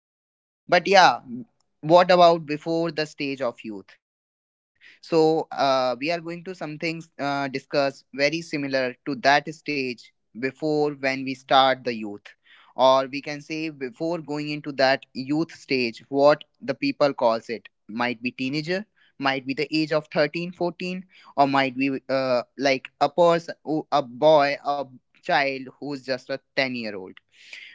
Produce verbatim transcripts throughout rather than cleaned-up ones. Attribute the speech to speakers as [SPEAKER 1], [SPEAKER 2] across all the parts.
[SPEAKER 1] is going very good. But yeah, what about before the stage of youth? So uh, we are going to some things uh, discuss very similar to that stage before when we start the youth, or we can say before going into that youth stage, what the people calls it might be teenager. Might be the age of thirteen, fourteen, or might be uh, like a person a boy a child who's just a ten-year-old.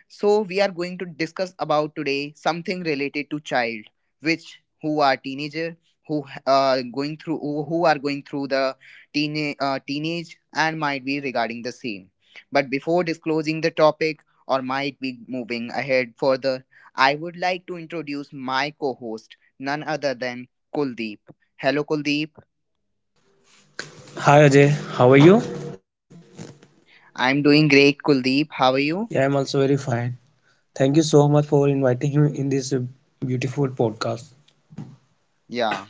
[SPEAKER 1] So we are going to discuss about today something related to child, which who are teenager, who uh, going through who who are going through the teen, uh, teenage, and might be regarding the same. But before disclosing the topic, or might be moving ahead further, I would like to introduce my co-host, none other than Kuldeep. Hello, Kuldeep.
[SPEAKER 2] Hi Ajay, how are you?
[SPEAKER 1] I'm doing great, Kuldeep. How are you?
[SPEAKER 2] Yeah, I'm also very fine. Thank you so much for inviting me in this uh, beautiful podcast.
[SPEAKER 1] Yeah.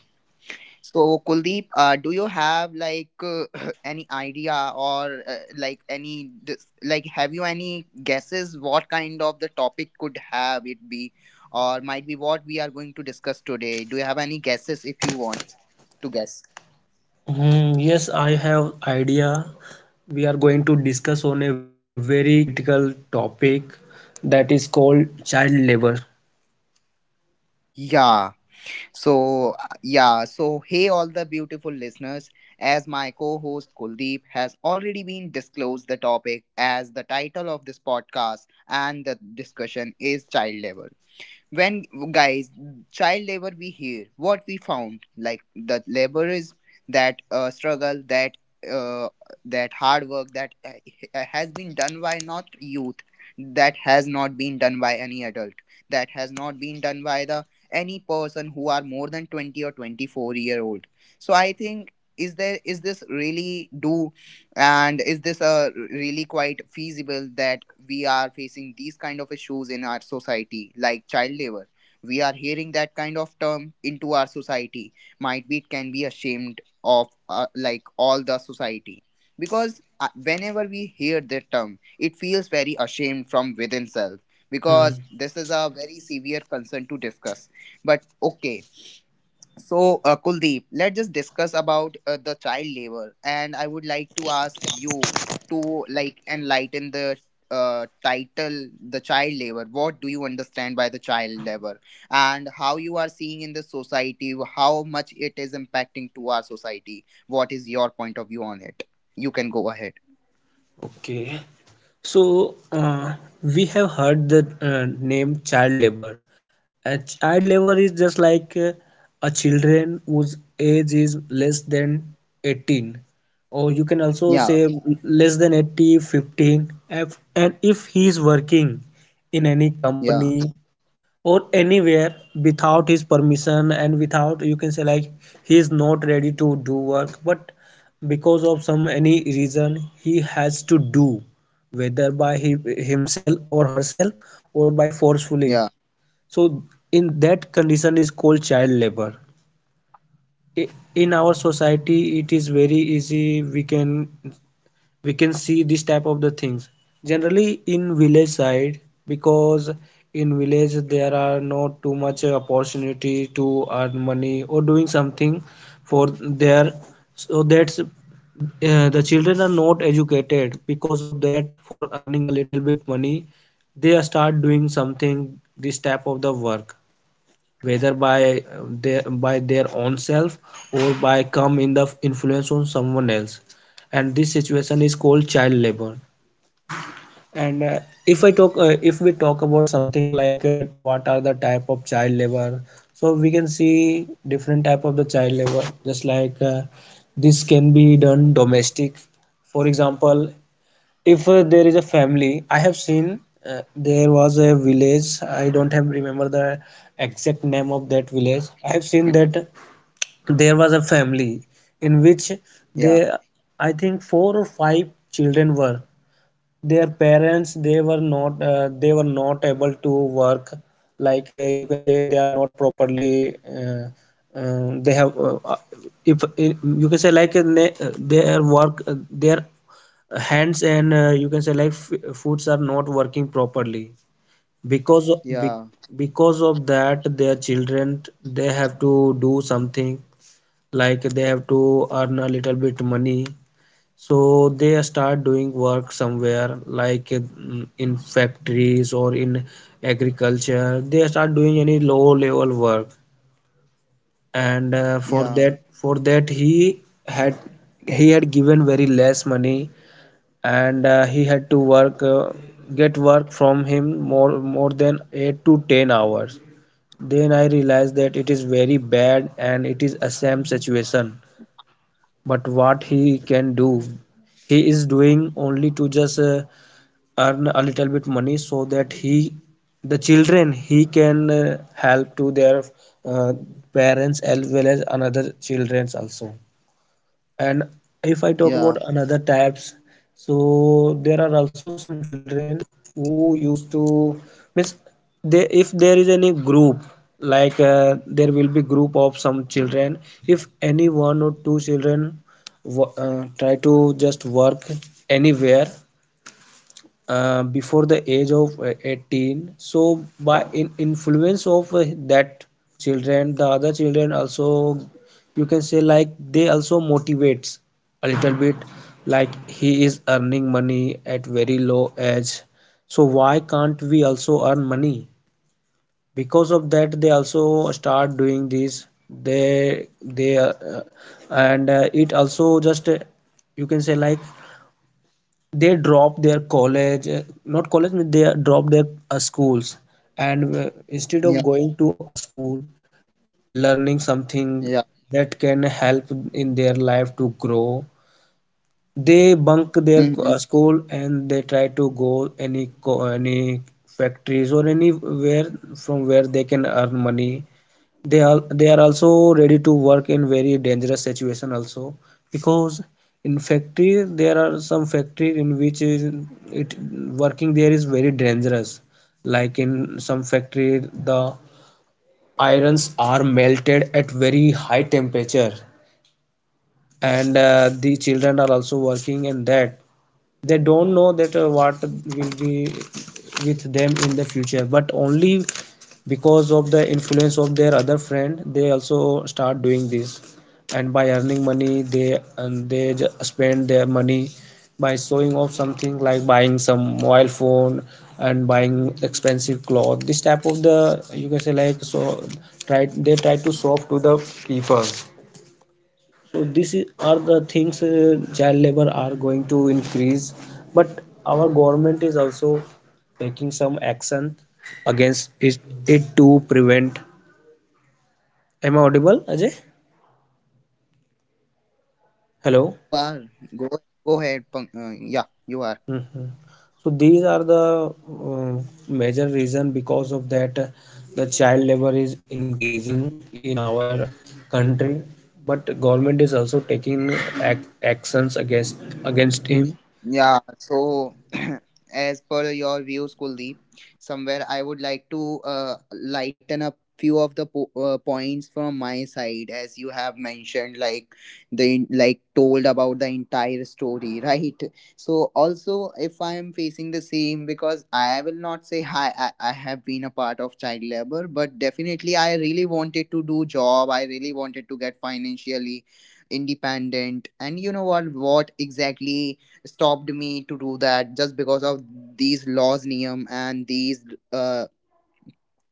[SPEAKER 1] So, Kuldeep, uh, do you have, like, uh, any idea, or uh, like, any dis- like, have you any guesses what kind of the topic could have it be, or might be what we are going to discuss today? Do you have any guesses if you want to guess?
[SPEAKER 2] Hmm, yes, I have idea. We are going to discuss on a very critical topic that is called child labor.
[SPEAKER 1] Yeah. So, uh, yeah. So, hey, all the beautiful listeners. As my co host Kuldeep has already been disclosed the topic as the title of this podcast, and the discussion is child labor. When, guys, child labor, we hear what we found, like, that labor is that uh, struggle, that uh, that hard work, that uh, has been done by not youth, that has not been done by any adult, that has not been done by the any person who are more than twenty or twenty-four-year-old. So I think, is there, is this really do, and is this a really quite feasible that we are facing these kind of issues in our society like child labor? We are hearing that kind of term into our society. Might be it can be ashamed of, uh, like, all the society, because uh, whenever we hear that term, it feels very ashamed from within self,
[SPEAKER 2] Hmm,
[SPEAKER 1] because this is a very severe concern to discuss. But okay. So, uh, Kuldeep, let's just discuss about uh, the child labor, and I would like to ask you to, like, enlighten the uh, title, the child labor. What do you understand by the child labor, and how you are seeing in the society, how much it is impacting to our society? What is your point of view on it? You can go ahead.
[SPEAKER 2] okay. So uh, we have heard the uh, name child labor. A child labor is just like uh, a children whose age is less than eighteen, or you can also say
[SPEAKER 1] Yeah,
[SPEAKER 2] less than eighty fifteen. If- and if he is working in any
[SPEAKER 1] yeah,
[SPEAKER 2] company or anywhere without his permission, and without, you can say, like he is not ready to do work, but because of some any reason he has to do, whether by he, himself or herself, or by forcefully,
[SPEAKER 1] yeah,
[SPEAKER 2] so in that condition is called child labor. In our society it is very easy, we can we can see this type of the things generally in village side, because in village there are not too much opportunity to earn money or doing something for their. So that's uh, the children are not educated. Because of that, for earning a little bit money, they start doing something this type of the work, whether by uh, their by their own self, or by come in the influence on someone else. And this situation is called child labor. And uh, if i talk uh, if we talk about something like uh, what are the type of child labor, so we can see different type of the child labor, just like uh, this can be done domestic. For example, if uh, there is a family I have seen uh, there was a village. I don't have remember the exact name of that village. I have seen that there was a family in which
[SPEAKER 1] yeah,
[SPEAKER 2] they, I think four or five children were, their parents they were not uh, they were not able to work. Like uh, you can say they are not properly, uh, uh, they have, uh, if you can say like, uh, ne- uh, their work uh, their hands, and uh, you can say like, f- foods are not working properly, because of, be,
[SPEAKER 1] yeah,
[SPEAKER 2] because of that their children they have to do something, like they have to earn a little bit money. So they start doing work somewhere like, mm, in factories or in agriculture they start doing any low level work. And uh, for
[SPEAKER 1] yeah,
[SPEAKER 2] that for that he had he had given very less money, and uh, he had to work, uh, get work from him more more than eight to ten hours. Then I realized that it is very bad and it is a same situation. But what he can do, he is doing only to just uh, earn a little bit money so that he, the children, he can uh, help to their uh, parents, as well as another childrens also. And if I talk
[SPEAKER 1] yeah,
[SPEAKER 2] about another types, so there are also some children who used to miss. They, if there is any group, like uh, there will be group of some children, if any one or two children wo- uh, try to just work anywhere uh, before the age of uh, eighteen, so by in influence of uh, that children, the other children also, you can say like they also motivates a little bit, like he is earning money at very low age, so why can't we also earn money? Because of that they also start doing this, they they uh, and uh, it also just, uh, you can say like, they drop their college, uh, not college, they drop their uh, schools. And uh, instead of
[SPEAKER 1] yeah,
[SPEAKER 2] going to a school, learning something
[SPEAKER 1] yeah.
[SPEAKER 2] that can help in their life to grow, they bunk their uh,
[SPEAKER 1] Mm-hmm.
[SPEAKER 2] school, and they try to go any co- any factories or anywhere from where they can earn money. They are they are also ready to work in very dangerous situation also, because in factory, there are some factory in which is it, working there is very dangerous. Like in some factory the irons are melted at very high temperature, and uh, the children are also working in that. They don't know that uh, what will be with them in the future, but only because of the influence of their other friend they also start doing this. And by earning money they and they spend their money by showing off something, like buying some mobile phone and buying expensive cloth, this type of the, you can say like, so try they try to show off to the people. So these are the things uh, child labor are going to increase. But our government is also taking some action against it, it to prevent. Am I audible, Ajay?
[SPEAKER 1] Y- yeah,
[SPEAKER 2] Hello?
[SPEAKER 1] you are. Go go ahead. Pang- uh, yeah, you are.
[SPEAKER 2] Mhm. So these are the uh, major reason, because of that uh, the child labor is increasing in our country, but government is also taking ac- actions against against him.
[SPEAKER 1] Yeah, so as per your views, Kuldeep, somewhere I would like to uh, lighten up few of the po- uh, points from my side, as you have mentioned, like, the like told about the entire story right. So also, if I am facing the same, because I will not say hi, I, I have been a part of child labor, but definitely I really wanted to do job, I really wanted to get financially independent. And you know what what exactly stopped me to do that, just because of these laws, Niyam, and these uh,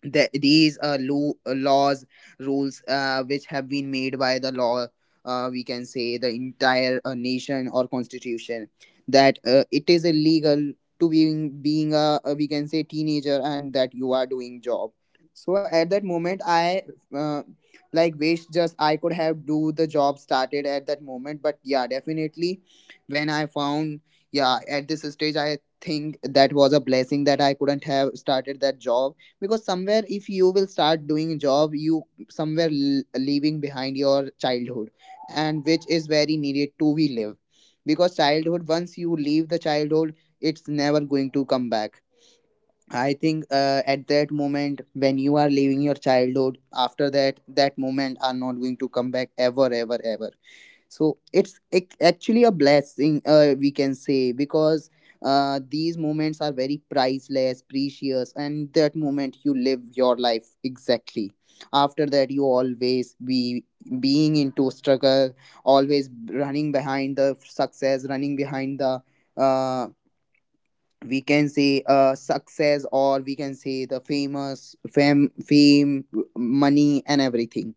[SPEAKER 1] that these uh, lo- uh, laws rules, uh, which have been made by the law, uh, we can say the entire, uh, nation or constitution, that uh, it is illegal to being being a, a, we can say, teenager, and that you are doing job. So at that moment, I, uh, like, wish just I could have do the job started at that moment. But yeah, definitely when I found, yeah, at this stage I think that was a blessing that I couldn't have started that job. Because somewhere if you will start doing job, you somewhere, l- leaving behind your childhood, and which is very needed to be live. Because childhood, once you leave the childhood, it's never going to come back. I think uh, at that moment when you are leaving your childhood, after that, that moment are not going to come back ever ever ever. So it's, ac- actually a blessing, uh, we can say. Because uh, these moments are very priceless, precious, and that moment you live your life exactly. After that, you always be being into struggle, always running behind the success, running behind the, uh, we can say, uh success, or we can say the famous fame fame, money, and everything.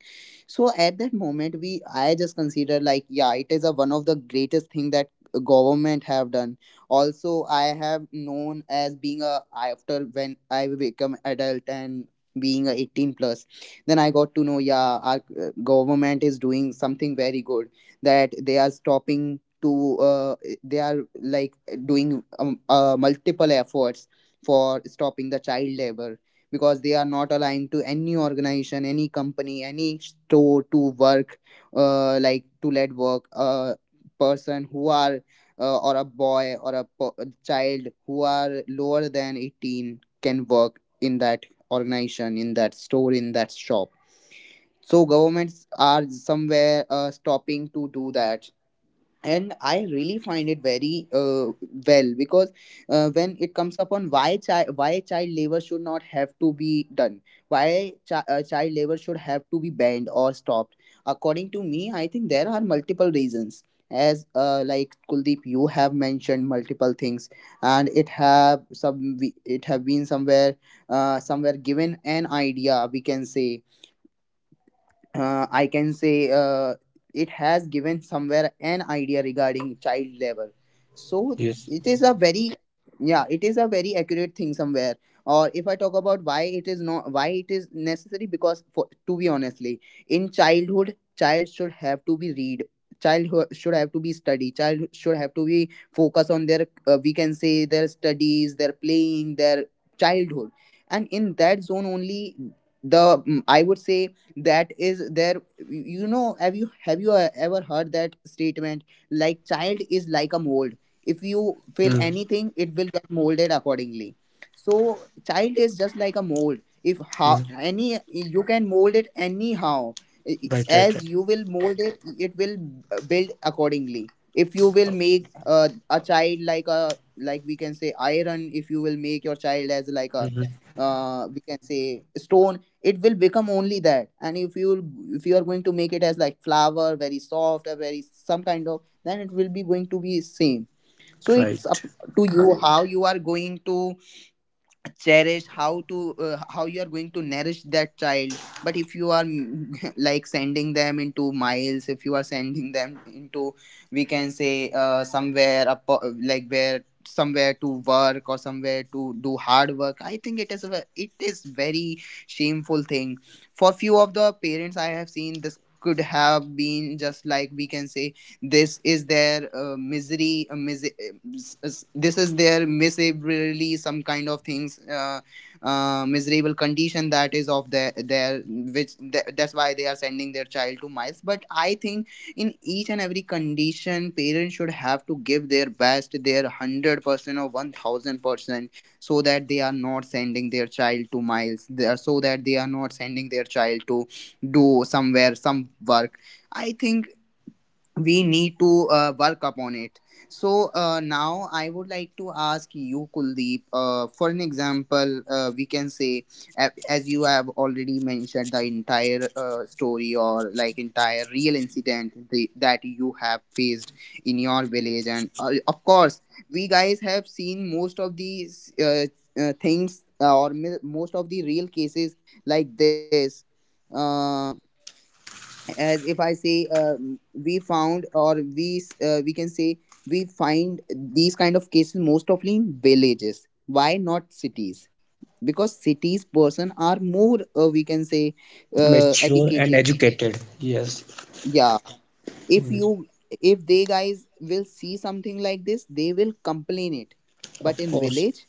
[SPEAKER 1] So at that moment, we I just consider like, yeah, it is a one of the greatest thing that government have done. Also, I have known as being a, after when I become adult and being a eighteen plus, then I got to know, yeah, our uh, government is doing something very good, that they are stopping to, uh, they are, like, doing, um, uh, multiple efforts for stopping the child labor. Because they are not allowing to any organization, any company, any store to work, uh, like, to let work a person who are, uh, or a boy, or a po- a child who are lower than eighteen, can work in that organization, in that store, in that shop. So governments are somewhere uh, stopping to do that, and I really find it very, uh, well. Because uh, when it comes upon, why child why child labor should not have to be done, why chi- uh, child labor should have to be banned or stopped, according to me, I think there are multiple reasons. As uh, like, Kuldeep, you have mentioned multiple things, and it have some it have been somewhere, uh, somewhere given an idea, we can say, uh, I can say, uh, it has given somewhere an idea regarding child labor. So
[SPEAKER 2] Yes.
[SPEAKER 1] it is a very, yeah, it is a very accurate thing somewhere. Or if I talk about why it is not why it is necessary, because, for, to be honestly, in childhood, child should have to be read. Child ho- should have to be study. Child should have to be focus on their, uh, we can say, their studies, their playing, their childhood, and in that zone only, the mm, I would say, that is there. You know have you have you uh, ever heard that statement, like, child is like a mold? If you fill
[SPEAKER 2] Mm.
[SPEAKER 1] anything, it will get molded accordingly. So child is just like a mold, if how
[SPEAKER 2] Mm.
[SPEAKER 1] any, you can mold it anyhow.
[SPEAKER 2] Right, right,
[SPEAKER 1] As
[SPEAKER 2] right.
[SPEAKER 1] you will mold it it will, uh, build accordingly. If you will make uh, a child like a like we can say, iron, if you will make your child as like a,
[SPEAKER 2] Mhm.
[SPEAKER 1] uh, we can say, stone, it will become only that. And if you, if you are going to make it as like flour, very soft, or very some kind of, then it will be going to be same. So it's
[SPEAKER 2] Right.
[SPEAKER 1] up to you, how you are going to cherish, how to uh, how you are going to nourish that child. But if you are like, sending them into miles, if you are sending them into, we can say, uh, somewhere up, like, where somewhere to work, or somewhere to do hard work, I think it is a, ve- it is very shameful thing for few of the parents. I have seen this could have been just like, we can say, this is their uh, misery, uh, mis- uh, this is their miserably some kind of things, uh, uh, miserable condition, that is of their their, which th- that's why they are sending their child to miles. But I think in each and every condition, parents should have to give their best, their one hundred percent or one thousand percent, so that they are not sending their child to miles, they are- so that they are not sending their child to do somewhere some work. I think we need to uh, work upon it. So uh, now I would like to ask you, Kuldeep, uh, for an example, uh, we can say, a- as you have already mentioned the entire uh, story, or like entire real incident, the, that you have faced in your village. And uh, of course we guys have seen most of these uh, uh, things, uh, or mi- most of the real cases like this. Uh, as if I say, um, we found, or we s- uh, we can say, we find these kind of cases most often in villages. Why not cities? Because cities person are more, uh, we can say, uh,
[SPEAKER 2] Mature and
[SPEAKER 1] educated.
[SPEAKER 2] educated. Yes.
[SPEAKER 1] Yeah. if
[SPEAKER 2] Mm.
[SPEAKER 1] you if they guys will see something like this, they will complain it. But
[SPEAKER 2] Of
[SPEAKER 1] in
[SPEAKER 2] course.
[SPEAKER 1] village,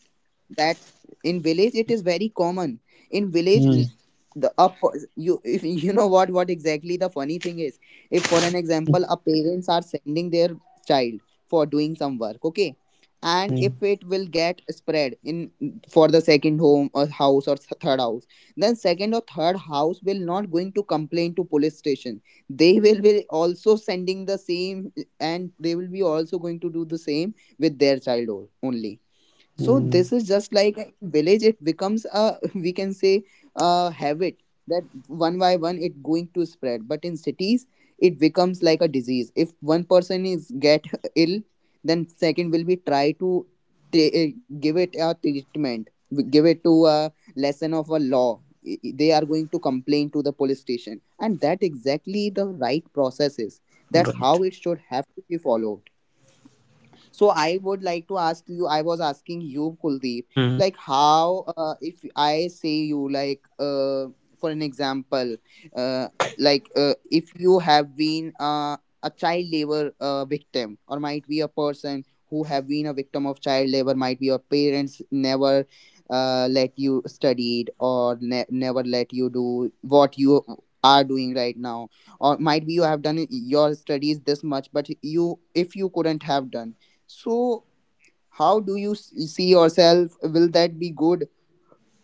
[SPEAKER 1] that in village it is very common. In village
[SPEAKER 2] Mm.
[SPEAKER 1] n- the up you if you know what what exactly the funny thing is. If for an example a parents are sending their child for doing some work, okay, and
[SPEAKER 2] Mm.
[SPEAKER 1] if it will get spread in, for the second home or house, or th- third house, then second or third house will not going to complain to police station. They will be also sending the same, and they will be also going to do the same with their child o- only. So
[SPEAKER 2] Mm.
[SPEAKER 1] this is just like a village, it becomes a we can say a habit, that one by one it going to spread. But in cities it becomes like a disease. If one person is get ill, then second will be try to t- give it a treatment, w- give it to a lesson of a law. I- i- they are going to complain to the police station, and that exactly the right process is. That's
[SPEAKER 2] Right.
[SPEAKER 1] how it should have to be followed. So I would like to ask you, I was asking you, Kuldeep,
[SPEAKER 2] Mm.
[SPEAKER 1] like how, uh, if I say you, like, uh, for an example, uh, like uh, if you have been uh, a child labor uh, victim, or might be a person who have been a victim of child labor, might be your parents never uh, let you studied, or ne- never let you do what you are doing right now, or might be you have done your studies this much but you if you couldn't have done, so, how do you s- see yourself? Will that be good?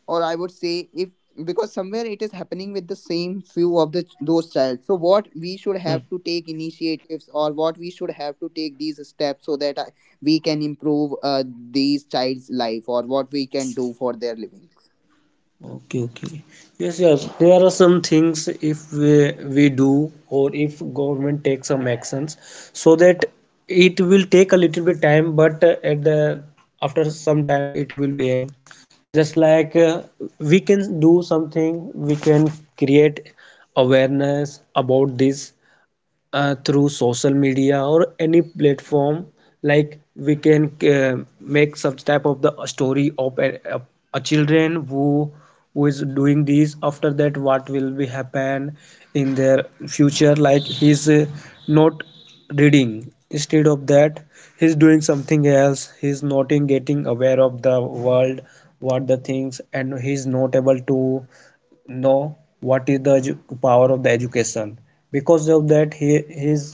[SPEAKER 1] Or I would say, if because somewhere it is happening with the same few of the those child. So what we should
[SPEAKER 2] Mm.
[SPEAKER 1] have to take initiatives, or what we should have to take these steps, so that I, we can improve uh, these child's life, or what we can do for their living.
[SPEAKER 2] Okay, okay. Yes, yes, there are some things if we, we do, or if government takes some actions, so that it will take a little bit time. But uh, at the, after some time it will be end. Just like uh, we can do something, we can create awareness about this uh, through social media or any platform. Like we can uh, make such type of the story of a, a, a children who who is doing this. After that, what will be happen in their future, like he's uh, not reading, instead of that he's doing something else. He's not in getting aware of the world, what the things, and he's not able to know what is the power of the education. Because of that, he his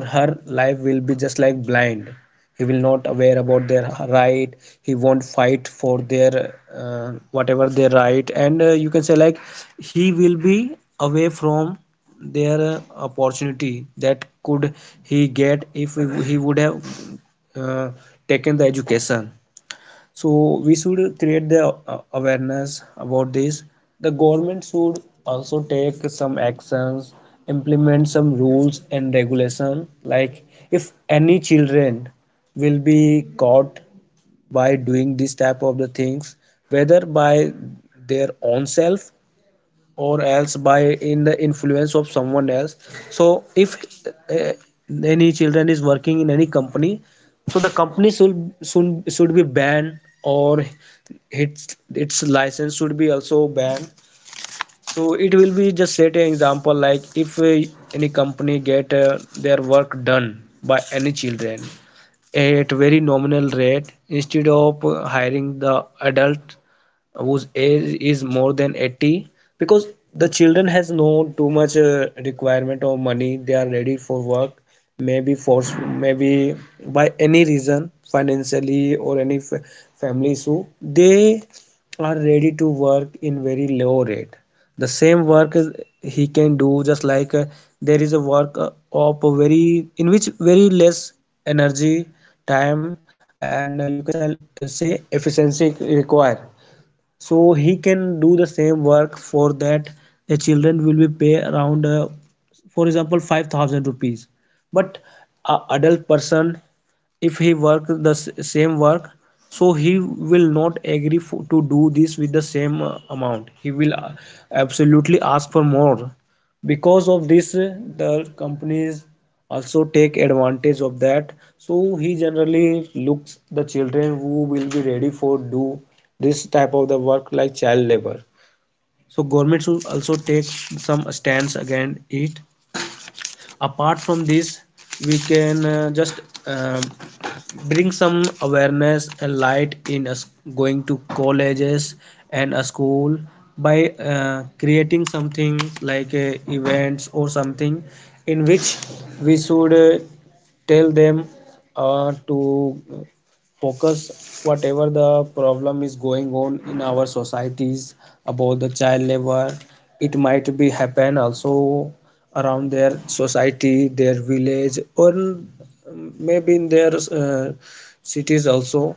[SPEAKER 2] or her life will be just like blind. He will not aware about their right. He won't fight for their uh, whatever their right, and uh, you can say like, he will be away from their uh, opportunity that could he get if he would have uh, taken the education. So we should create the uh, awareness about this. The government should also take some actions, implement some rules and regulation, like if any children will be caught by doing this type of the things, whether by their own self, or else by in the influence of someone else. So if uh, any children is working in any company, so the company should should, should be banned, or its its license should be also banned. So it will be just set an example, like if uh, any company get uh, their work done by any children at very nominal rate, instead of uh, hiring the adult whose age is more than eighty, because the children has no too much uh, requirement of money, they are ready for work, maybe force, maybe by any reason financially, or any fa- family issue, they are ready to work in very low rate. The same work is- he can do, just like uh, there is a work uh, of a very, in which very less energy, time, and uh, you can uh, say efficiency required, so he can do the same work. For that, the children will be pay around, uh, for example, five thousand rupees. But a adult person if he work the same work, so he will not agree for, to do this with the same uh, amount, he will uh, absolutely ask for more. Because of this uh, the companies also take advantage of that, so he generally looks the children who will be ready for do this type of the work, like child labor. So government should also take some stance against it. Apart from this, we can uh, just, um, bring some awareness and light in us going to colleges and a school by uh, creating something like uh, events or something, in which we should uh, tell them uh, to focus whatever the problem is going on in our societies about the child labor. It might be happen also around their society, their village, or um, maybe in their uh, cities also.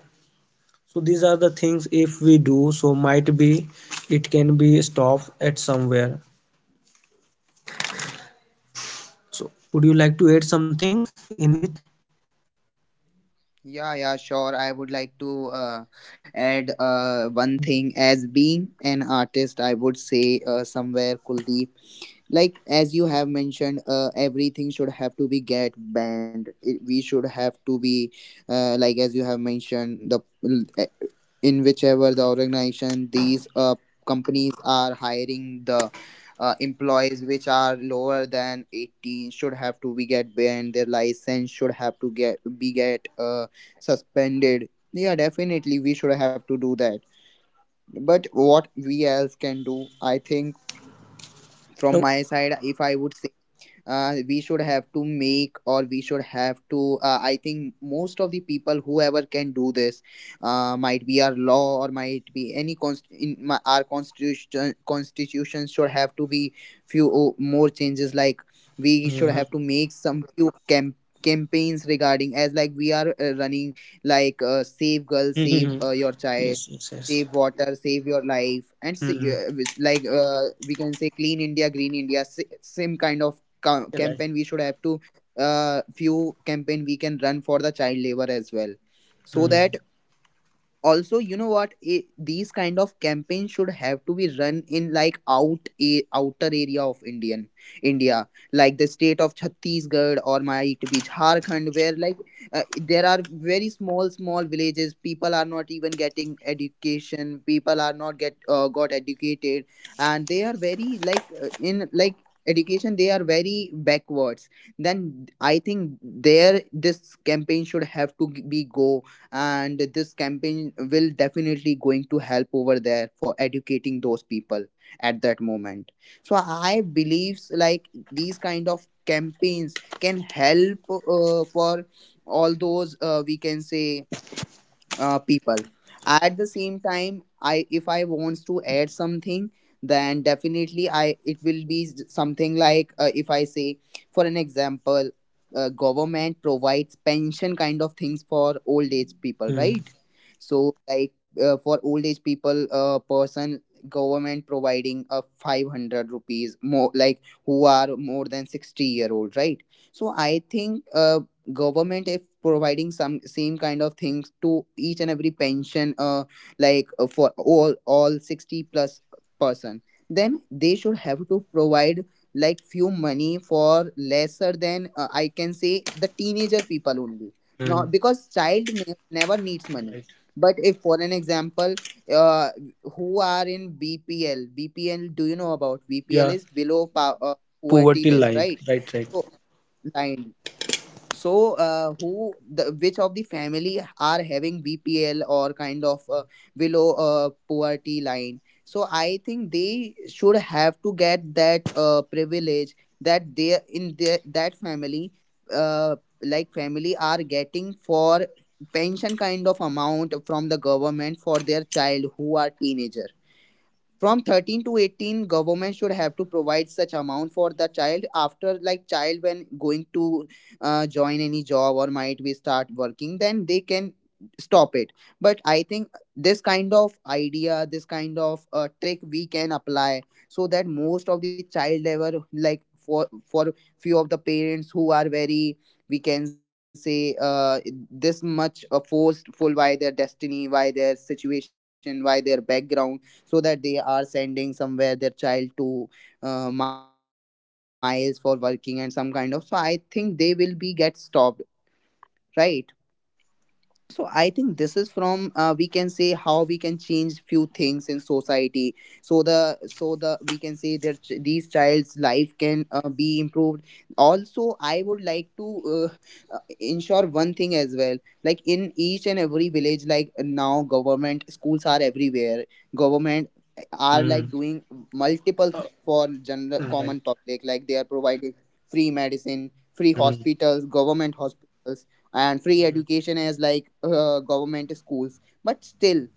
[SPEAKER 2] So these are the things if we do, so might be it can be stopped at somewhere. So would you like to add some things in it?
[SPEAKER 1] Yeah, yeah, sure. I would like to uh, add uh, one thing. As being an artist, I would say, uh, somewhere, Kuldeep, like as you have mentioned uh, everything should have to be get banned, it, we should have to be, uh, like as you have mentioned the eh, in whichever the organization, these uh, companies are hiring the uh, employees which are lower than eighteen should have to be get banned, their license should have to get be get uh, suspended. Yeah, definitely we should have to do that. But what we else can do, I think, from
[SPEAKER 2] Oh.
[SPEAKER 1] my side, if I would say, uh, we should have to make, or we should have to uh, I think most of the people whoever can do this, uh, might be our law or might be any const- in my, our constitution constitution should have to be few o- more changes, like we should
[SPEAKER 2] Mhm.
[SPEAKER 1] have to make some few camp campaigns, regarding as like we are uh, running, like uh, save girl,
[SPEAKER 2] Mhm.
[SPEAKER 1] save uh, your
[SPEAKER 2] Yes,
[SPEAKER 1] child,
[SPEAKER 2] yes, yes.
[SPEAKER 1] save water, save your life, and see,
[SPEAKER 2] Hmm.
[SPEAKER 1] uh, with- like uh, we can say clean India green India, si- same kind of ca-
[SPEAKER 2] Right.
[SPEAKER 1] campaign we should have to, uh, few campaign we can run for the child labor as well, so
[SPEAKER 2] Hmm.
[SPEAKER 1] that also, you know what, it, these kind of campaigns should have to be run in, like out a outer area of indian India, like the state of Chhattisgarh or might be Jharkhand, where like uh, there are very small small villages, people are not even getting education, people are not get uh, got educated, and they are very like uh, in like education they are very backwards. Then I think there this campaign should have to g- be go, and this campaign will definitely going to help over there for educating those people at that moment. So I believes like these kind of campaigns can help uh, for all those, uh, we can say, uh, people. At the same time, I if I wants to add something, then definitely I it will be s- something, like, uh, if I say for an example, uh, government provides pension kind of things for old age people,
[SPEAKER 2] Hmm.
[SPEAKER 1] right? So, like, uh, for old age people, uh, person, government providing a five hundred rupees more, like who are more than sixty year old, right? So I think uh, government if providing some same kind of things to each and every pension, uh like uh, for all all sixty plus person, then they should have to provide, like, few money for lesser than, uh, I can say, the teenager people only.
[SPEAKER 2] Hmm.
[SPEAKER 1] Not because child ne- never needs money.
[SPEAKER 2] Right.
[SPEAKER 1] But if for an example, uh, who are in B P L, B P L do you know about? B P L
[SPEAKER 2] Yeah.
[SPEAKER 1] is below pow- uh, poverty
[SPEAKER 2] Poverty
[SPEAKER 1] list,
[SPEAKER 2] line,
[SPEAKER 1] right?
[SPEAKER 2] right, right.
[SPEAKER 1] So line. So uh, who the, which of the family are having V P L, or kind of uh, below uh, poverty line, so I think they should have to get that uh, privilege, that they in their that family, uh, like family are getting for pension kind of amount from the government, for their child who are teenager, from thirteen to eighteen government should have to provide such amount for the child. After, like, child when going to uh, join any job or might be start working, then they can stop it. But I think this kind of idea, this kind of uh, trick we can apply, so that most of the child ever, like for for few of the parents who are very, we can say, uh, this much, uh, forced full by their destiny, by their situation, by their background, so that they are sending somewhere their child to uh, miles for working and some kind of. So I think they will be get stopped, right? So I think this is from, uh, we can say, how we can change few things in society. So the so the we can say that ch- these child's life can uh, be improved. Also, I would like to uh, uh, ensure one thing as well. Like in each and every village, like now government schools are everywhere. Government uh, are
[SPEAKER 2] Hmm.
[SPEAKER 1] like doing multiple things for general
[SPEAKER 2] Uh, right.
[SPEAKER 1] common public. Like they are providing free medicine, free
[SPEAKER 2] Hmm.
[SPEAKER 1] hospitals, government hospitals, and free
[SPEAKER 2] Hmm.
[SPEAKER 1] education as like uh, government schools, but still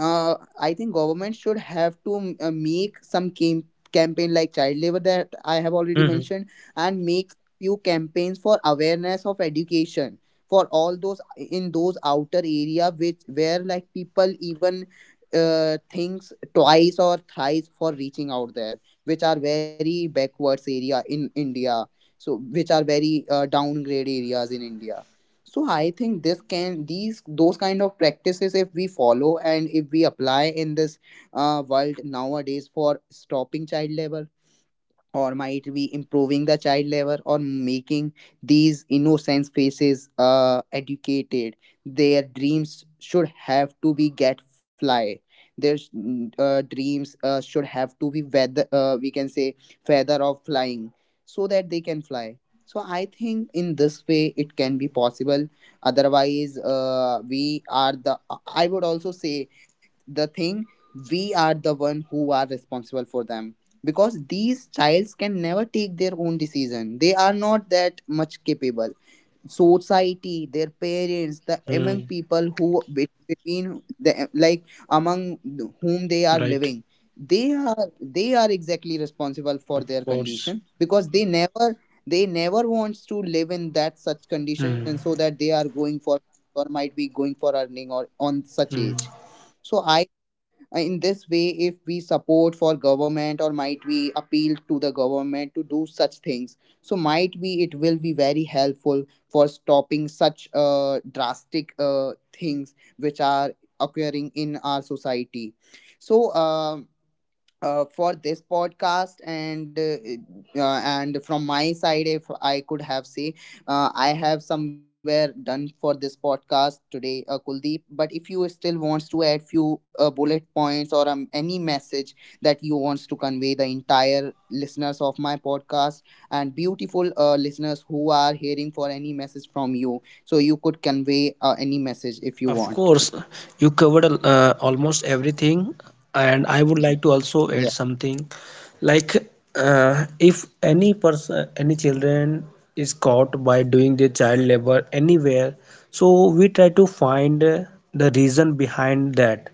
[SPEAKER 1] uh, I think government should have to uh, make some cam- campaign, like child labor that I have already
[SPEAKER 2] Hmm.
[SPEAKER 1] mentioned, and make few campaigns for awareness of education for all those in those outer area, which, where like people even uh, thinks twice or thrice for reaching out there, which are very backwards area in India, so which are very uh, downgrade areas in India. So I think this can these those kind of practices, if we follow and if we apply in this uh, world nowadays, for stopping child labor or might be improving the child labor, or making these innocent faces uh, educated, their dreams should have to be get fly, their mm, uh, dreams uh, should have to be feather, uh, we can say feather of flying, so that they can fly. So I think in this way it can be possible. Otherwise, uh, we are the, I would also say the thing, we are the one who are responsible for them. Because these childs can never take their own decision, they are not that much capable. Society, their parents, the
[SPEAKER 2] Hmm.
[SPEAKER 1] among people who be- between the, like, among whom they are
[SPEAKER 2] Right.
[SPEAKER 1] living, they are they are exactly responsible for
[SPEAKER 2] Of
[SPEAKER 1] their
[SPEAKER 2] course.
[SPEAKER 1] condition, because they never they never wants to live in that such condition,
[SPEAKER 2] Hmm.
[SPEAKER 1] so that they are going for, or might be going for earning or on such
[SPEAKER 2] Hmm.
[SPEAKER 1] age. So I uh, in this way, if we support for government or might we appeal to the government to do such things, so might we it will be very helpful for stopping such uh, drastic uh, things which are occurring in our society. So um uh, for this podcast, and uh, uh, and from my side, if I could have say, uh, I have somewhere done for this podcast today, uh, Kuldeep, but if you still wants to add few uh, bullet points or um, any message that you wants to convey the entire listeners of my podcast, and beautiful uh, listeners who are hearing for any message from you, so you could convey uh, any message if you
[SPEAKER 2] Of
[SPEAKER 1] want.
[SPEAKER 2] course, you covered uh, almost everything, and I would like to also
[SPEAKER 1] Yeah.
[SPEAKER 2] add something, like, uh, if any person, any children is caught by doing their child labor anywhere, so we try to find uh, the reason behind that.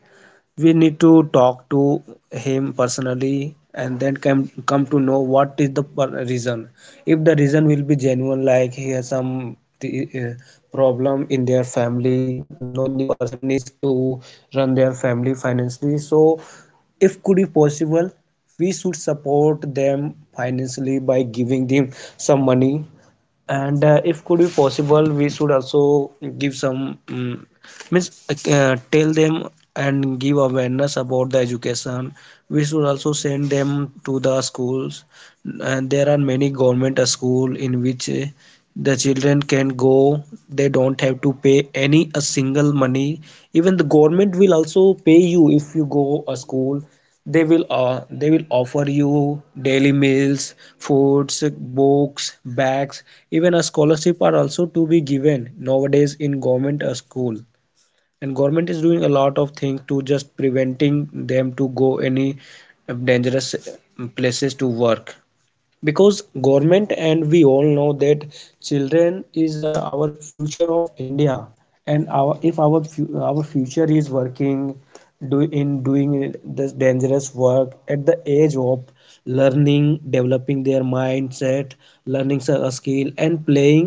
[SPEAKER 2] We need to talk to him personally, and then come come to know what is the reason. If the reason will be genuine, like he has some uh, problem in their family, no any person is to run their family financially, so if could be possible we should support them financially by giving them some money. And uh, if could be possible, we should also give some, um, means, uh, tell them, and give awareness about the education. We should also send them to the schools, and there are many government school in which uh, the children can go, they don't have to pay any a single money. Even the government will also pay you if you go a school. They will uh, they will offer you daily meals, foods, books, bags, even a scholarship are also to be given nowadays in government uh, school. And government is doing a lot of things to just preventing them to go any dangerous uh, places to work, because government and we all know that children is uh, our future of India. And our if our our future is working, do in doing this dangerous work at the age of learning, developing their mindset, learning s- a skill, and playing,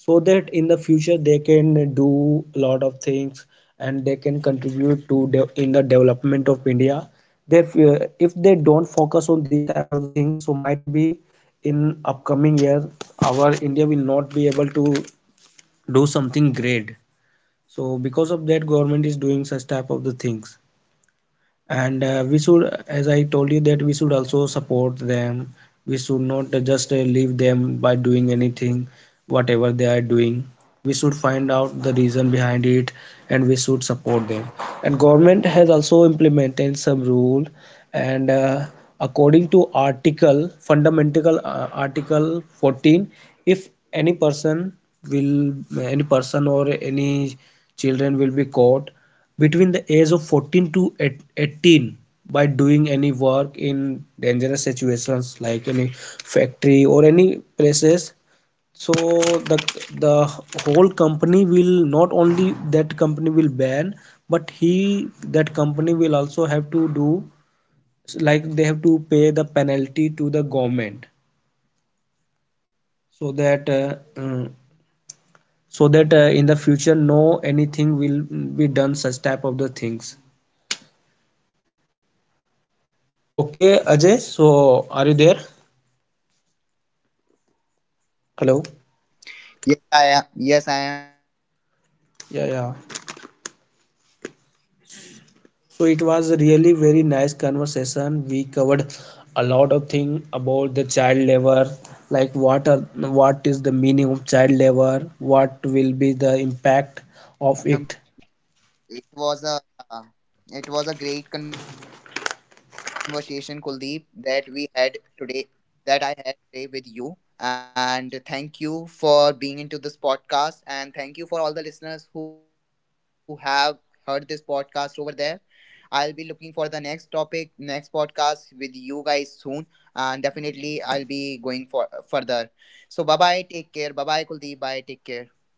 [SPEAKER 2] so that in the future they can do a lot of things, and they can contribute to de- in the development of India. Therefore, if they don't focus on these type of things, so might be in upcoming year our India will not be able to do something great. So because of that government is doing such type of the things. And uh, we should, as I told you, that we should also support them. We should not just uh, leave them by doing anything whatever they are doing. We should find out the reason behind it and we should support them. And government has also implemented some rule. And uh, according to article fundamental uh, article fourteen, if any person will any person or any children will be caught between the age of fourteen to eighteen by doing any work in dangerous situations like any factory or any places, so the the whole company will not only, that company will ban, but he that company will also have to do, like they have to pay the penalty to the government, so that uh, mm, so that uh, in the future, no anything will be done such type of the things. Okay, Ajay, so are you there? Hello.
[SPEAKER 1] Yes, I am. Yes, I am, Kuldeep.
[SPEAKER 2] Yeah, yeah. So
[SPEAKER 1] So
[SPEAKER 2] it
[SPEAKER 1] I
[SPEAKER 2] was a
[SPEAKER 1] think,
[SPEAKER 2] really
[SPEAKER 1] uh,
[SPEAKER 2] very
[SPEAKER 1] Kuldeep,
[SPEAKER 2] nice
[SPEAKER 1] thank you
[SPEAKER 2] conversation.
[SPEAKER 1] for.
[SPEAKER 2] We covered a
[SPEAKER 1] Yeah,
[SPEAKER 2] lot of thing
[SPEAKER 1] yeah,
[SPEAKER 2] about the child labor, like what are what is
[SPEAKER 1] definitely.
[SPEAKER 2] the meaning of child labor, what will be the impact of it,
[SPEAKER 1] It was a uh, it was a great conversation, Kuldeep, that we had today, that I had today with you. And thank you for being into this podcast, and thank you for all the listeners who have heard this podcast over there. I'll be looking for the next topic, next podcast with you guys soon, and definitely I'll be going for further. So bye bye, take care, bye bye, Kuldeep, bye, take care.